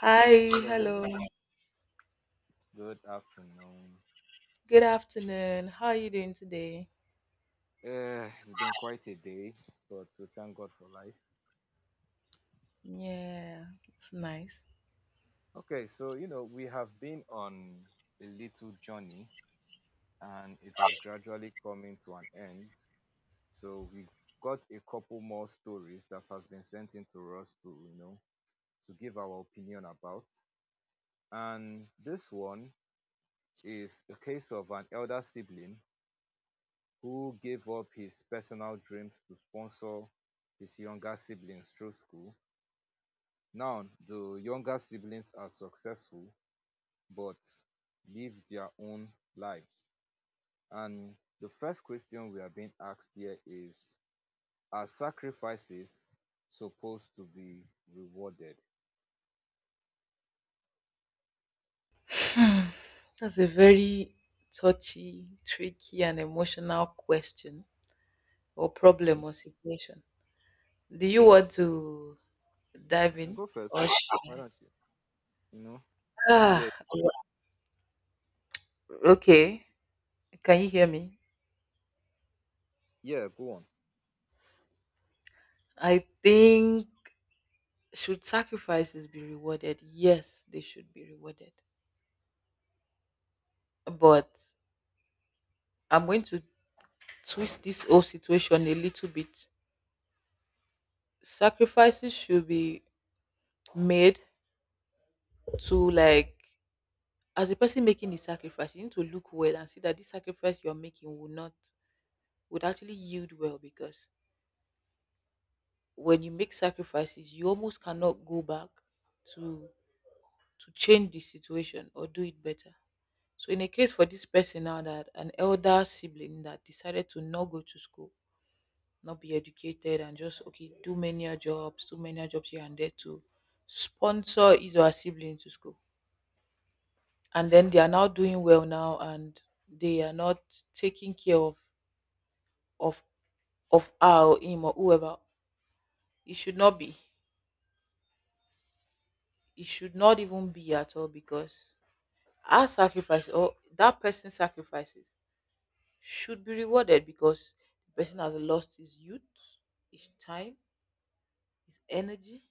Hi, hello. Hello, good afternoon. Good afternoon. How are you doing today? It's been quite a day, but we thank God for life. Yeah, it's nice. Okay, so we have been on a little journey and it is gradually coming to an end. So we've got a couple more stories that has been sent in to us to give our opinion about. And this one is a case of an elder sibling who gave up his personal dreams to sponsor his younger siblings through school. Now the younger siblings are successful but live their own lives. And the first question we are being asked here is: are sacrifices supposed to be rewarded? That's a very touchy, tricky, and emotional question or problem Okay. or situation. Do you want to dive in Go first. or Why should... don't you? You know, Let me hear. ah, okay. Can you hear me? Yeah, go on. I think should sacrifices be rewarded? Yes, they should be rewarded. But I'm going to twist this whole situation a little bit. Sacrifices should be made to, like, as a person making the sacrifice, you need to look well and see that this sacrifice you're making will not, would actually yield well, because when you make sacrifices you almost cannot go back to to change the situation or do it better. So in a case for this person now, that an elder sibling that decided to not go to school, not be educated, and just okay, do many jobs, do many jobs here and there to sponsor his or her sibling to school, and then they are now doing well now, and they are not taking care of of of her or him or whoever, it should not be, it should not even be at all, because our sacrifice or that person's sacrifices should be rewarded, because the person has lost his youth, his time, his energy,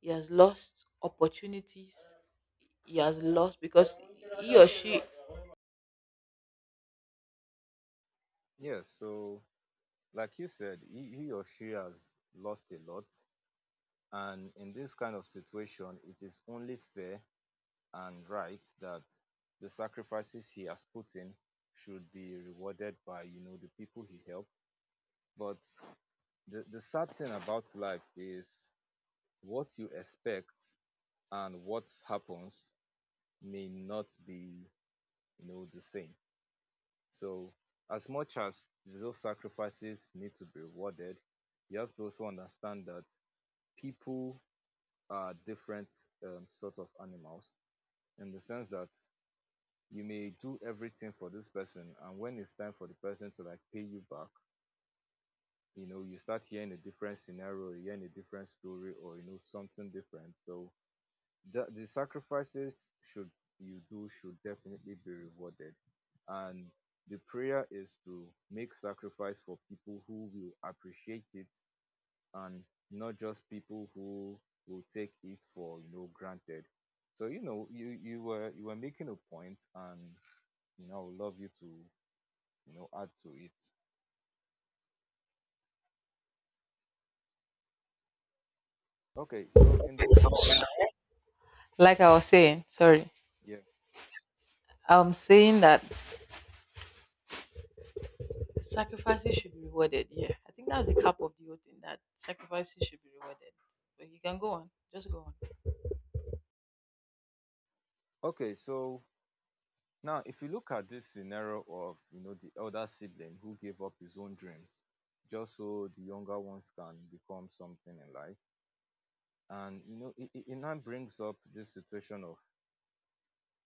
he has lost opportunities, he has lost because he or she, Yeah, so like you said, he or she has lost a lot. And in this kind of situation, it is only fair and right that the sacrifices he has put in should be rewarded by the people he helped. But the sad thing about life is what you expect and what happens may not be the same. So as much as those sacrifices need to be rewarded, you have to also understand that people are different, sort of animals, in the sense that you may do everything for this person, and when it's time for the person to like pay you back, you start hearing a different scenario, hearing a different story, or something different. So the sacrifices should you do should definitely be rewarded. And the prayer is to make sacrifice for people who will appreciate it, and not just people who will take it for granted. So you were making a point, and I would love you to add to it. Okay, so in the mean— like I was saying sorry, Yeah. I'm saying that sacrifices should be rewarded. Yeah, I think that's the cap of the whole thing, that sacrifices should be rewarded. But you can go on. Just go on. Okay, so now if you look at this scenario of the elder sibling who gave up his own dreams just so the younger ones can become something in life. And it now brings up this situation of: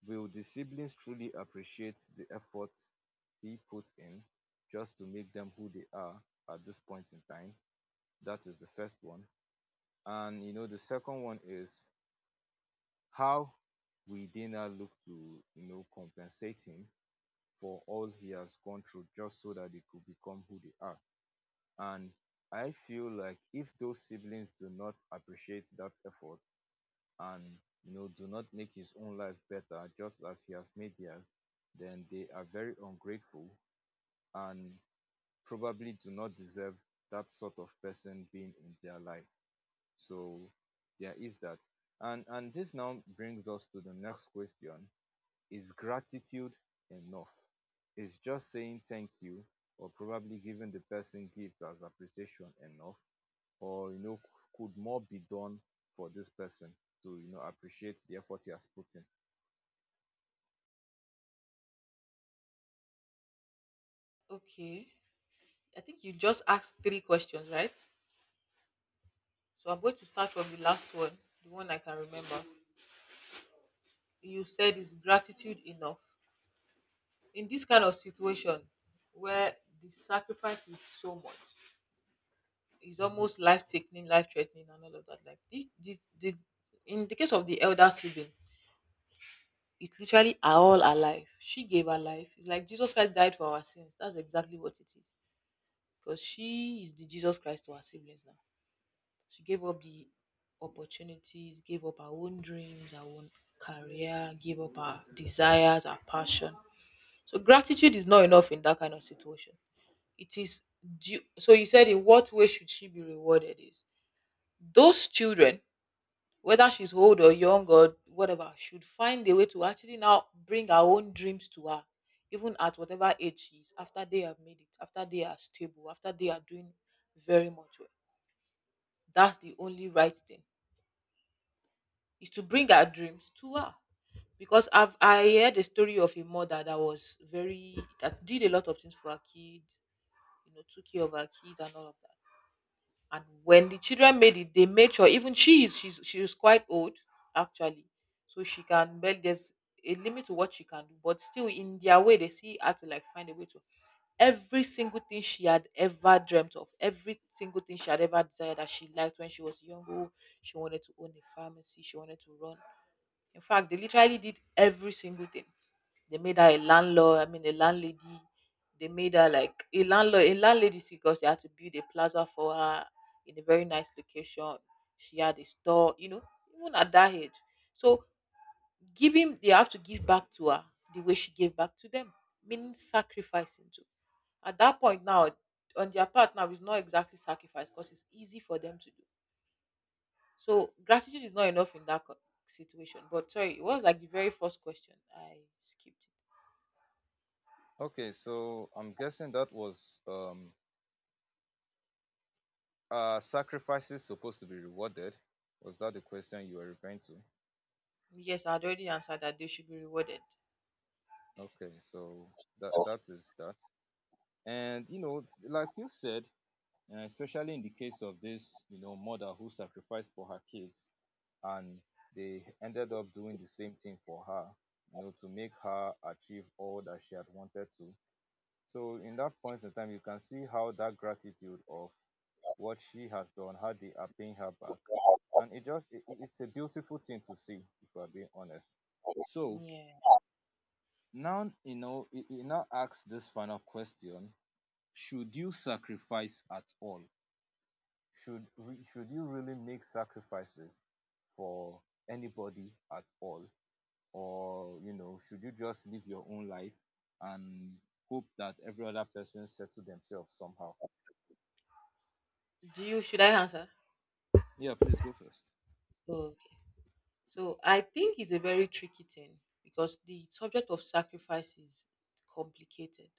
will the siblings truly appreciate the effort he put in just to make them who they are at this point in time? That is the first one. And the second one is, how we dey now look to compensate him for all he has gone through just so that they could become who they are. And I feel like if those siblings do not appreciate that effort, and do not make his own life better just as he has made theirs, then they are very ungrateful and probably do not deserve that sort of person being in their life. So there is that. And this now brings us to the next question: is gratitude enough? Is just saying thank you, or probably giving the person gift as appreciation, enough? Or, could more be done for this person to, appreciate the effort he has put in? Okay. I think you just asked three questions, right? So I'm going to start from the last one, the one I can remember. You said, is gratitude enough in this kind of situation where the sacrifice is so much? It's almost life-taking, life-threatening, and all of that. Like this in the case of the elder sibling, it's literally are all her life. She gave her life. It's like Jesus Christ died for our sins. That's exactly what it is. Because she is the Jesus Christ to her siblings now. She gave up the opportunities, gave up her own dreams, her own career, gave up her desires, her passion. So gratitude is not enough in that kind of situation. It is due. So you said, in what way should she be rewarded? Is those children, whether she's old or young or whatever, should find a way to actually now bring her own dreams to her, even at whatever age she is, after they have made it, after they are stable, after they are doing very much well. That's the only right thing, is to bring her dreams to her. Because I heard a story of a mother that was very, that did a lot of things for her kids, you know, took care of her kids and all of that. And when the children made it, they made sure, even she is quite old actually, so she can, but there's a limit to what she can do. But still, in their way, they see her to, like, find a way to every single thing she had ever dreamt of, every single thing she had ever desired that she liked when she was younger. She wanted to own a pharmacy. She wanted to run. In fact, they literally did every single thing. They made her a landlord, I mean a landlady. They made her like a landlord, a landlady, because they had to build a plaza for her in a very nice location. She had a store, you know, even at that age. So giving, they have to give back to her the way she gave back to them, meaning sacrificing too. At that point now, on their part now is not exactly sacrifice because it's easy for them to do. So gratitude is not enough in that co- situation. But sorry, it was like the very first question. I skipped it. Okay, so I'm guessing that was are sacrifices supposed to be rewarded? Was that the question you were referring to? Yes, I had already answered that they should be rewarded. Okay, so that is that. And like you said, especially in the case of this mother who sacrificed for her kids, and they ended up doing the same thing for her, to make her achieve all that she had wanted to. So in that point in time you can see how that gratitude of what she has done, how they are paying her back, and it's a beautiful thing to see, if I'm being honest. So Yeah. now it now asks this final question: should you sacrifice at all? Should you really make sacrifices for anybody at all, or should you just live your own life and hope that every other person settle themselves somehow? Do you, should I answer? Yeah, please go first. Oh, okay. So I think it's a very tricky thing because the subject of sacrifice is complicated.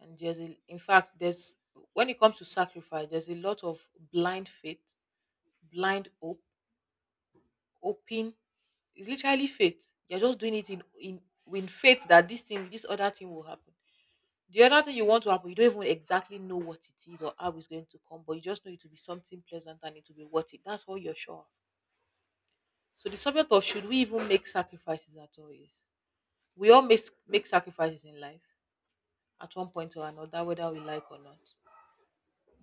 And there's a, in fact, there's, when it comes to sacrifice, there's a lot of blind faith, blind hope, hoping. It's literally faith. You're just doing it in with faith that this thing, this other thing will happen. The other thing you want to happen, you don't even exactly know what it is or how it's going to come, but you just know it will be something pleasant and it will be worth it. That's what you're sure of. So the subject of should we even make sacrifices at all is, we all make sacrifices in life at one point or another, whether we like or not.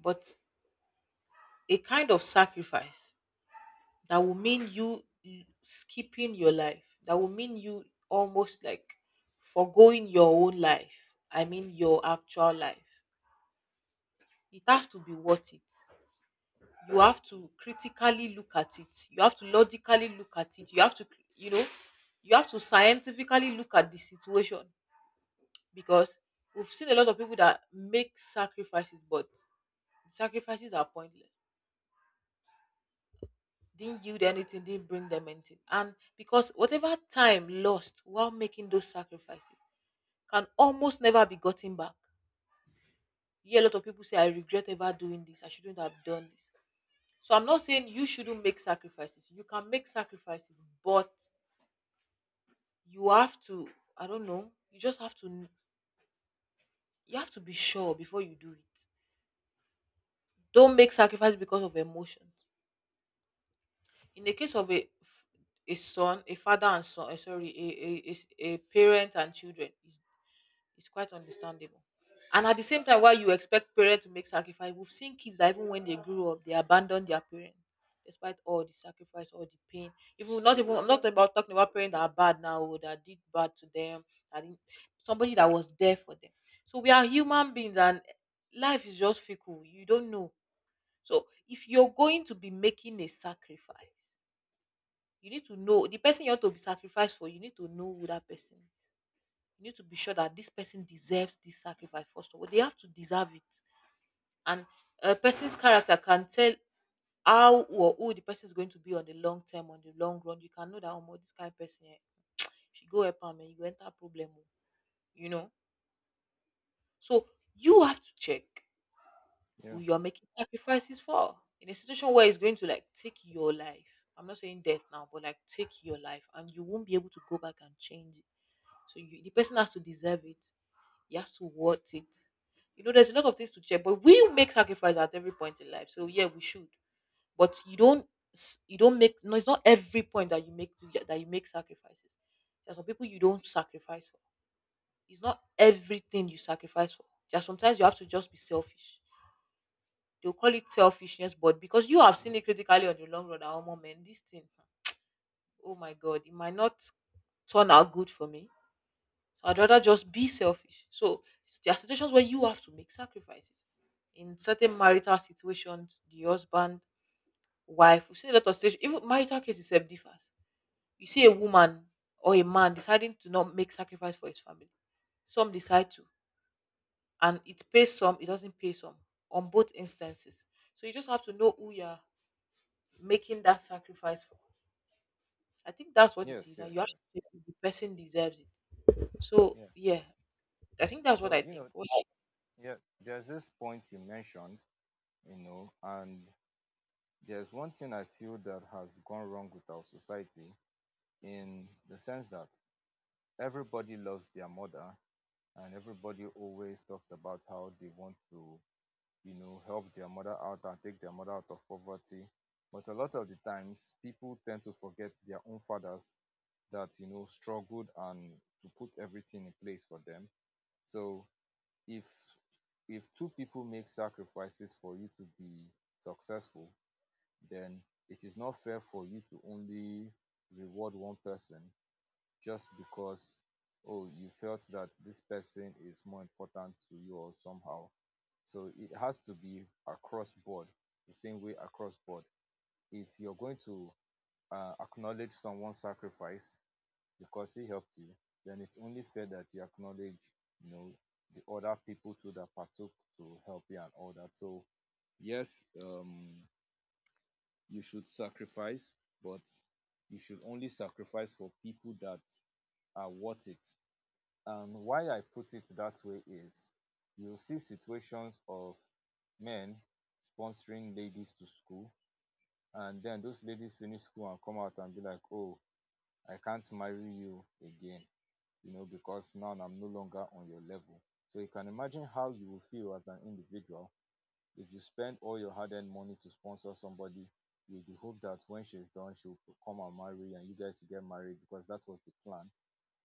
But a kind of sacrifice that will mean you l- skipping your life, that will mean you almost like foregoing your own life. I mean your actual life. It has to be worth it. You have to critically look at it, you have to logically look at it, you have to, you know, you have to scientifically look at the situation, because we've seen a lot of people that make sacrifices but the sacrifices are pointless, didn't yield anything, didn't bring them anything, and because whatever time lost while making those sacrifices can almost never be gotten back. Yeah, a lot of people say, I regret ever doing this, I shouldn't have done this. So I'm not saying you shouldn't make sacrifices, you can make sacrifices, but you have to, I don't know, you just have to, you have to be sure before you do it. Don't make sacrifice because of emotions. In the case of a f-, a son, a father and son, sorry, a s-, a parent and children is, it's quite understandable. And at the same time, while you expect parents to make sacrifice, we've seen kids that even when they grew up, they abandon their parents despite all the sacrifice, all the pain. Even not, even I'm not about talking about parents that are bad now or that did bad to them, that didn't, somebody that was there for them. So we are human beings, and life is just fickle. You don't know. So if you're going to be making a sacrifice, you need to know the person you want to be sacrificed for, you need to know who that person is, you need to be sure that this person deserves this sacrifice. First of all, they have to deserve it. And a person's character can tell how or who the person is going to be on the long term, on the long run. You can know that, oh, this kind of person, she go help am and you go enter problem oh," you know. So you have to check Yeah. who you're making sacrifices for, in a situation where it's going to like take your life. I'm not saying death now, but like take your life and you won't be able to go back and change it. So you, the person has to deserve it. You have to worth it. You know, there's a lot of things to check, but we make sacrifice at every point in life. So yeah, we should. But you don't s- you don't make, no, it's not every point that you make, that you make sacrifices. There are some people you don't sacrifice for. It's not everything you sacrifice for. There are sometimes you have to just be selfish. They'll call it selfishness, but because you have seen it critically on the long run, our moment, this thing, oh my god, it might not turn out good for me. So I'd rather just be selfish. So s- there are situations where you have to make sacrifices. In certain marital situations, the husband, wife, we see a lot of situations, even marital cases self differs. You see a woman or a man deciding to not make sacrifice for his family. Some decide to, and it pays some, it doesn't pay some, on both instances. So you just have to know who you're making that sacrifice for. I think that's what it Yes, is, and you yes, have yes. to think if the person deserves it. So Yeah. yeah, I think that's what so I you know think. What? yeah, there's this point you mentioned, and there's one thing I feel that has gone wrong with our society, in the sense that everybody loves their mother, and everybody always talks about how they want to help their mother out and take their mother out of poverty. But a lot of the times people tend to forget their own fathers, that struggled and to put everything in place for them. So if if two people make sacrifices for you to be successful, then it is not fair for you to only reward one person just because, oh, you felt that this person is more important to you, or somehow. So it has to be across board, the same way across board. If you're going to, acknowledge someone's sacrifice because he helped you, then it's only fair that you acknowledge, you know the other people too that partook to help you and all that. So yes, you should sacrifice, but you should only sacrifice for people that are worth it. And why I put it that way is, you'll see situations of men sponsoring ladies to school, and then those ladies finish school and come out and be like, oh, I can't marry you again, because now I'm no longer on your level. So you can imagine how you will feel as an individual if you spend all your hard earned money to sponsor somebody with the hope that when she's done, she'll come and marry, and you guys will get married because that was the plan,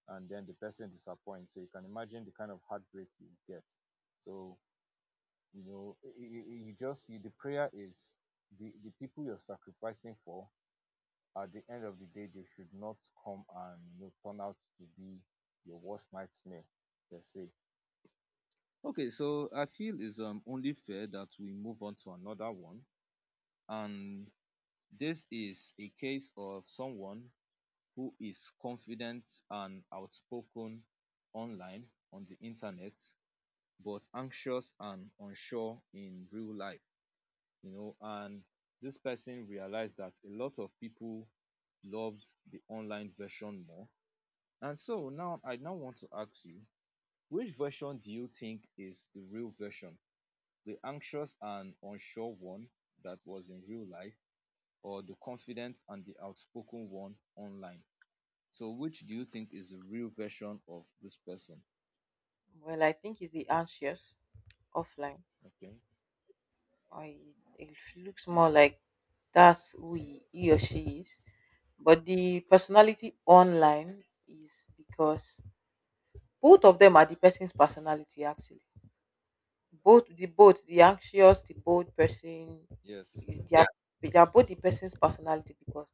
and then the person disappoints. So you can imagine the kind of heartbreak you get. So you know, y- the prayer is the people you're sacrificing for. At the end of the day, they should not come and, turn out to be your worst nightmare. Let's say. Okay, so I feel it's only fair that we move on to another one. And this is a case of someone who is confident and outspoken online, on the internet, but anxious and unsure in real life. And this person realized that a lot of people loved the online version more. And so now, I now want to ask you: which version do you think is the real version? The anxious and unsure one that was in real life, or the confident and the outspoken one online? So which do you think is the real version of this person? Well, I think is he anxious offline, Okay. or he, it looks more like that's who he or she is. But the personality online is because both of them are the person's personality actually. Both the anxious, the bold person Yes. is their, they are both the person's personality, because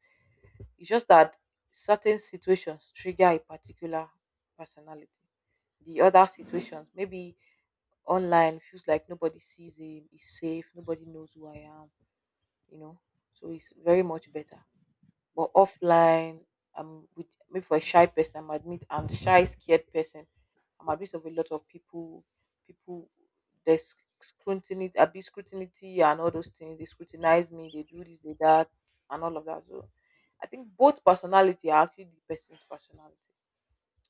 it's just that certain situations trigger a particular personality. The other situations maybe online feels like nobody sees him, he's safe, nobody knows who I am, you know. So it's very much better. But offline, I'm with maybe for a shy person, I'm admit I'm shy, scared person. I'm admit of a lot of people, people there's scrutiny, a bit scrutiny and all those things. They scrutinize me, they do this, they that, and all of that. So I think both personality are actually the person's personality.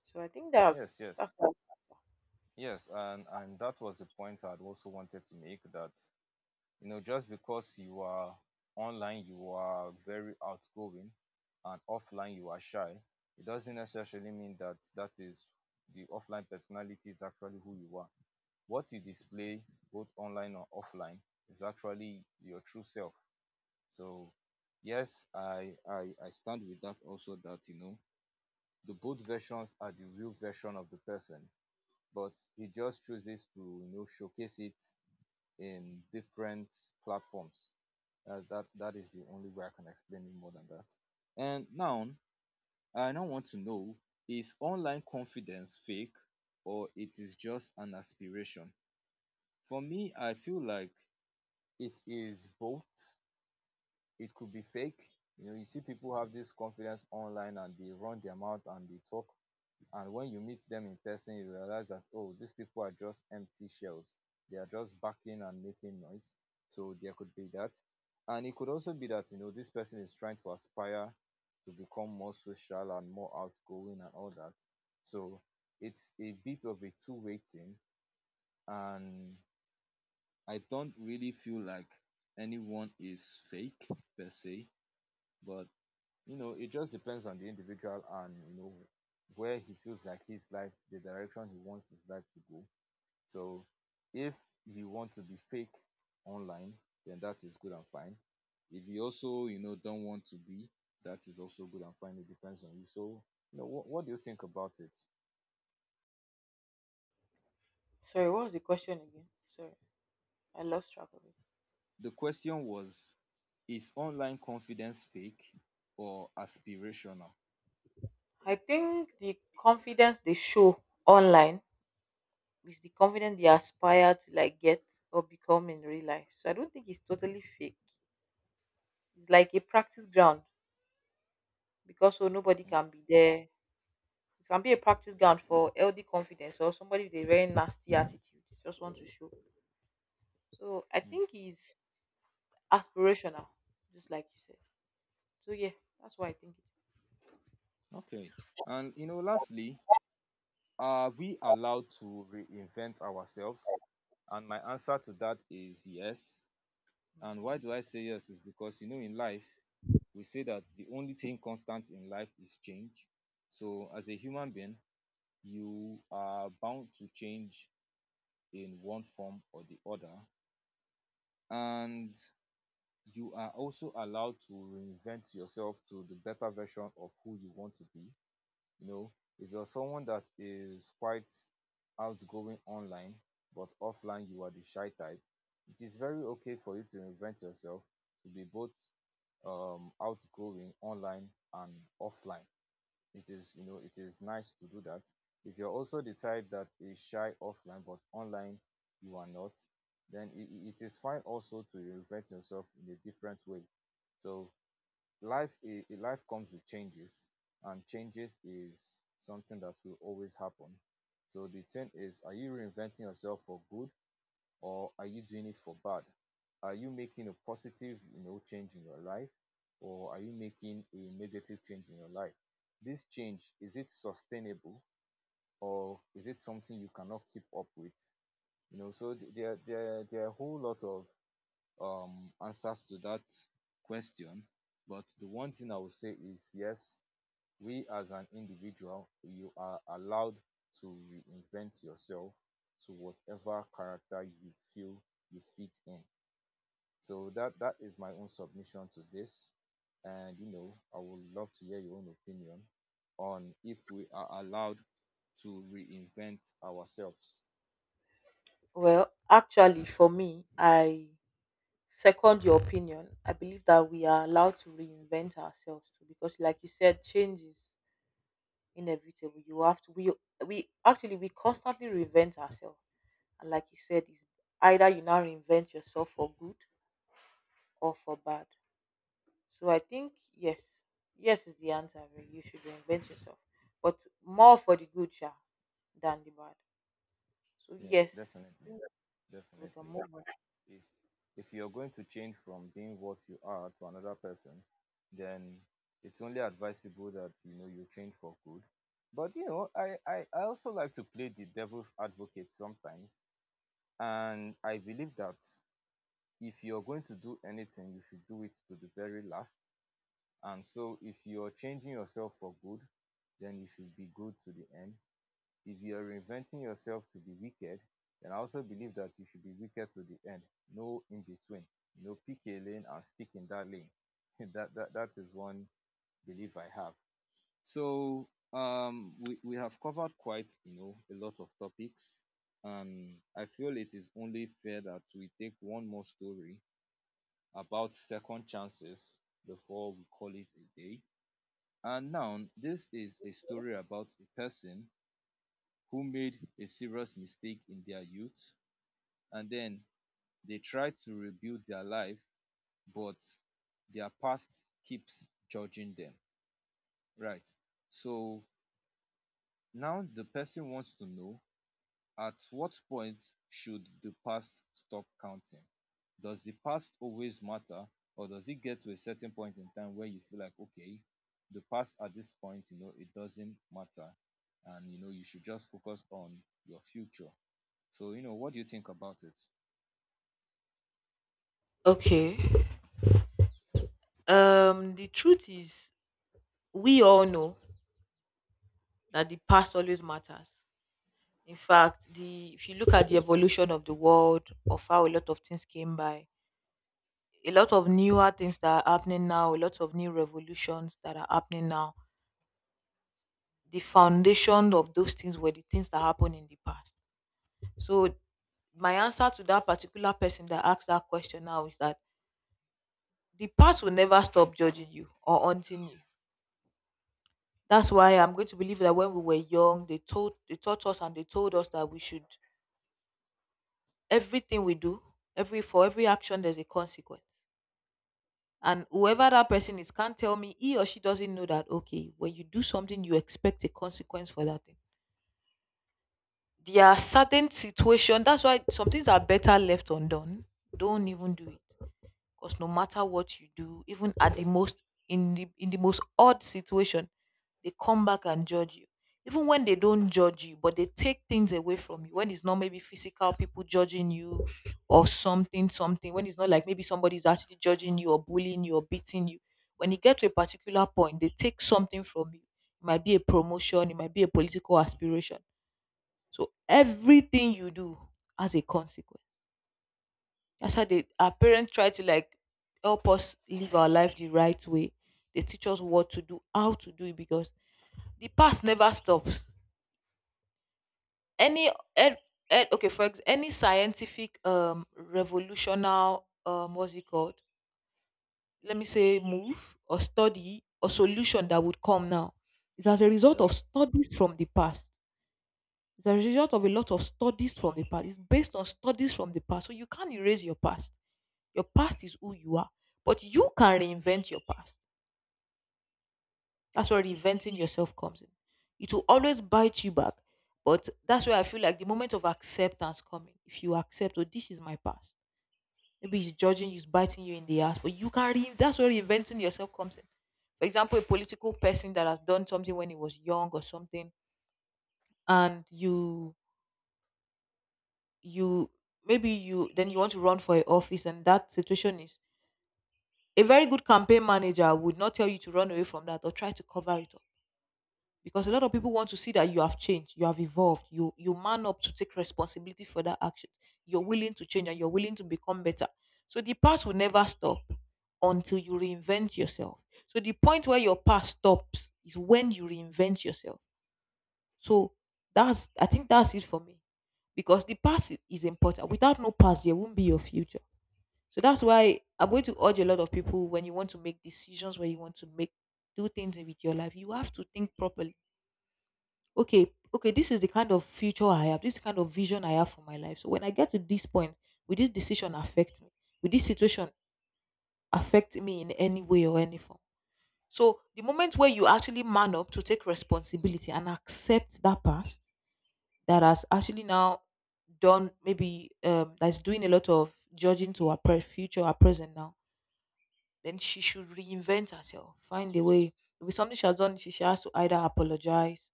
So I think Yes, that's yes. that's Yes, and that was the point I'd also wanted to make, that just because you are online you are very outgoing, and offline you are shy, it doesn't necessarily mean that that is— the offline personality is actually who you are. What you display both online or offline is actually your true self. So yes, I stand with that also, that the both versions are the real version of the person, but he just chooses to showcase it in different platforms. That is the only way I can explain it more than that. And now I now want to know: is online confidence fake, or it is just an aspiration? For me, I feel like it is both. It could be fake. You see people have this confidence online and they run their mouth and they talk. And when you meet them in person, you realize that, oh, these people are just empty shells. They are just barking and making noise. So there could be that. And it could also be that, this person is trying to aspire to become more social and more outgoing, and all that. So it's a bit of a two-way thing. And I don't really feel like anyone is fake per se, but it just depends on the individual, and where he feels like his life, the direction he wants his life to go. So if you want to be fake online, then that is good and fine. If you also, don't want to be, that is also good and fine. It depends on you. So what do you think about it? sorry, what was the question again? Sorry, I lost track of it. The question was: is online confidence fake or aspirational? I think the confidence they show online is the confidence they aspire to like get or become in real life. So I don't think it's totally fake. It's like a practice ground because so nobody Mhm. can be there. It can be a practice ground for LD confidence or somebody with a very nasty attitude. They Just want to show. So I Mm. think it's aspirational, just like you said. So yeah, that's why I think it is. Okay, and lastly: are we allowed to reinvent ourselves? And my answer to that is yes. And why do I say yes? Is because, in life, we say that the only thing constant in life is change. So, as a human being, you are bound to change in one form or the other. And you are also allowed to reinvent yourself to the better version of who you want to be you know if you're someone that is quite outgoing online but offline you are the shy type, it is very okay for you to invent yourself to be both outgoing online and offline. It is you know it is nice to do that. If you're also the type that is shy offline but online you are not, then it is fine also to invent yourself in a different way. So life life comes with changes, and changes is something that will always happen. So the thing is, are you reinventing yourself for good, or are you doing it for bad? Are you making a positive you know change in your life, or are you making a negative change in your life? This change, is it sustainable, or is it something you cannot keep up with? You know, so there are a whole lot of answers to that question. But the one thing I would say is yes, we as an individual, you are allowed to reinvent yourself to whatever character you feel you fit in. So that is my own submission to this. And you know, I would love to hear your own opinion on if we are allowed to reinvent ourselves. Well, actually, for me, I second your opinion. I believe that we are allowed to reinvent ourselves too, because like you said, change is inevitable. You have to, we constantly reinvent ourselves. And like you said, it's either you now reinvent yourself for good or for bad. So I think yes, yes is the answer really. You should reinvent yourself, but more for the good, yeah, than the bad. So Yes, yes, definitely. we can Definitely. move on. if if you're going to change from being what you are to another person, then it's only advisable that you know you change for good. But you know, I also like to play the devil's advocate sometimes. And I believe that if you're going to do anything, you should do it to the very last. And so if you're changing yourself for good, then you should be good to the end. If you are reinventing yourself to be wicked, then I also believe that you should be wicked to the end. No in between. No, know, pick a lane and stick in that lane. That is one belief I have. So we have covered quite you know a lot of topics, and I feel it is only fair that we take one more story about second chances before we call it a day. And now this is a story about a person who made a serious mistake in their youth, and then they try to rebuild their life, but their past keeps judging them, right? So now the person wants to know, at what point should the past stop counting? Does the past always matter, or does it get to a certain point in time where you feel like, okay, the past at this point, you know, it doesn't matter, and you know, you should just focus on your future? So, you know, what do you think about it? Okay, the truth is we all know that the past always matters. In fact, the if you look at the evolution of the world, of how a lot of things came by, a lot of newer things that are happening now, a lot of new revolutions that are happening now, the foundation of those things were the things that happened in the past. So my answer to that particular person that asked that question now is that the past will never stop judging you or haunting you. That's why I'm going to believe that when we were young, they taught us and they told us that we should everything we do, every for every action there's a consequence. And whoever that person is can't tell me he or she doesn't know that, okay, when you do something, you expect a consequence for that thing. There are certain situations, that's why some things are better left undone. Don't even do it. Because no matter what you do, even at the most in the most odd situation, they come back and judge you. Even when they don't judge you, but they take things away from you. When it's not maybe physical people judging you or something. When it's not like maybe somebody's actually judging you or bullying you or beating you. When you get to a particular point, they take something from you. It might be a promotion, it might be a political aspiration. So everything you do has a consequence. That's how they our parents try to like help us live our life the right way. They teach us what to do, how to do it, because the past never stops. Any ed, okay, any scientific revolutional what's it called? Let me say move or study or solution that would come now is as a result Yeah. of studies from the past. It's like a result of a lot of studies from the past. It's based on studies from the past. So you can't erase your past. Your past is who you are, but you can reinvent your past. That's where reinventing yourself comes in. It will always bite you back, but that's where I feel like the moment of acceptance coming. If you accept, oh, this is my past. Maybe it's judging you, it's biting you in the ass, but you can. That's where reinventing yourself comes in. For example, a political person that has done something when he was young or something, and you maybe you then you want to run for a office, and that situation is, a very good campaign manager would not tell you to run away from that or try to cover it up, because a lot of people want to see that you have changed, you have evolved, you man up to take responsibility for that action. You're willing to change and you're willing to become better. So the past will never stop until you reinvent yourself. So the point where your past stops is when you reinvent yourself. So that's, I think that's it for me, because the past is important. Without no past, there won't be your future. So that's why I'm going to urge a lot of people, when you want to make decisions, when you want to make do things with your life, you have to think properly. Okay, okay, this is the kind of future I have, this is the kind of vision I have for my life. So when I get to this point, will this decision affect me? Will this situation affect me in any way or any form? So the moment where you actually man up to take responsibility and accept that past that has actually now done, maybe, that's doing a lot of judging to our future, our present now, then she should reinvent herself, find a way. Maybe something she has done, she has to either apologize,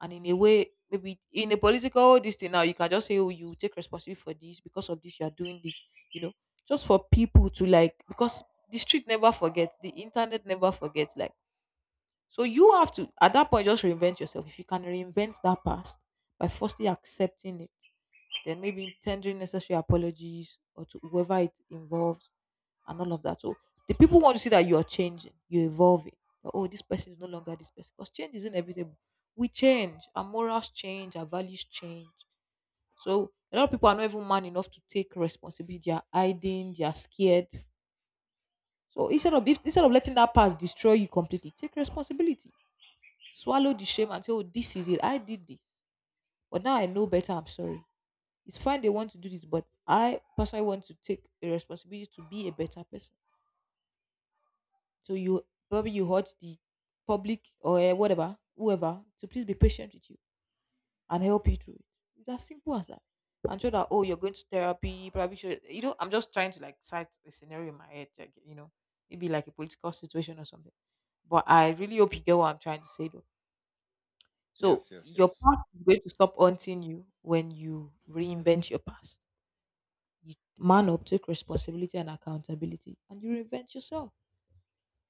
and in a way, maybe in a political, oh, this thing now, you can just say, "Oh, you take responsibility for this, because of this, you are doing this," you know, just for people to like, because the street never forgets, the internet never forgets, like, so you have to at that point just reinvent yourself. If you can reinvent that past by firstly accepting it, then maybe tendering necessary apologies, or to whoever it involves, and all of that. So the people want to see that you are changing, you're evolving. That, oh, this person is no longer this person. Because change is inevitable. We change. Our morals change. Our values change. So a lot of people are not even man enough to take responsibility. They are hiding. They are scared. So instead of if, instead of letting that past destroy you completely, take responsibility. Swallow the shame and say, "Oh, this is it. I did this, but now I know better. I'm sorry." It's fine they want to do this, but I personally want to take a responsibility to be a better person. So you probably you hurt the public or eh, whatever, whoever, to please be patient with you and help you through it. It's as simple as that. And show that, oh, you're going to therapy, probably show, you know, I'm just trying to like cite a scenario in my head, like, you know, maybe like a political situation or something. But I really hope you get what I'm trying to say though. So Yes, yes, your yes. past is going to stop haunting you when you reinvent your past. You man up, take responsibility and accountability, and you reinvent yourself.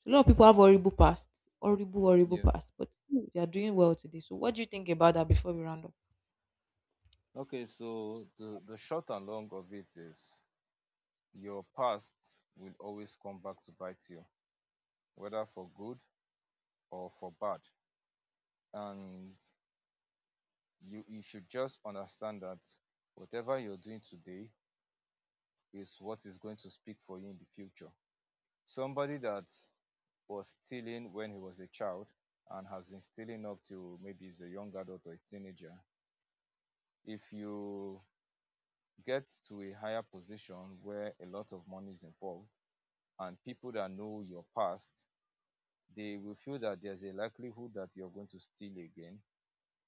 So, a lot of people have horrible pasts, horrible, horrible Yeah. past, but still they are doing well today. So, what do you think about that before we round up? Okay, so the short and long of it is your past will always come back to bite you, whether for good or for bad. And you should just understand that whatever you're doing today is what is going to speak for you in the future. Somebody that was stealing when he was a child and has been stealing up to maybe he's a young adult or a teenager. If you get to a higher position where a lot of money is involved and people that know your past, they will feel that there's a likelihood that you're going to steal again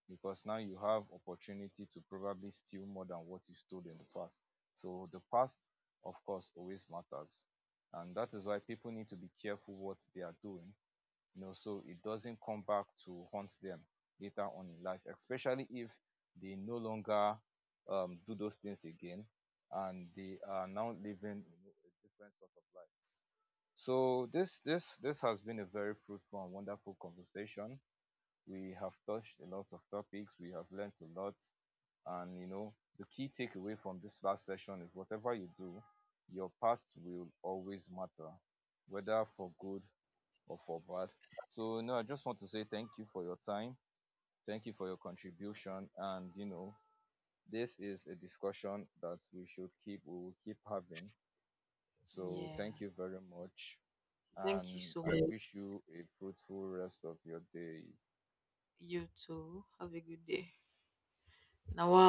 because now you have opportunity to probably steal more than what you stole in the past. So the past, of course, always matters. And that is why people need to be careful what they are doing, you know, so it doesn't come back to haunt them later on in life, especially if they no longer do those things again and they are now living you know a different sort of life. So this has been a very fruitful and wonderful conversation. We have touched a lot of topics, we have learned a lot. And you know, the key takeaway from this last session is whatever you do, your past will always matter, whether for good or for bad. So no, I just want to say thank you for your time. Thank you for your contribution. And you know, this is a discussion that we should keep we will keep having. So thank Yeah. you very much. Thank you And so I much. wish you a fruitful rest of your day. You too. Have a good day. Now, wow.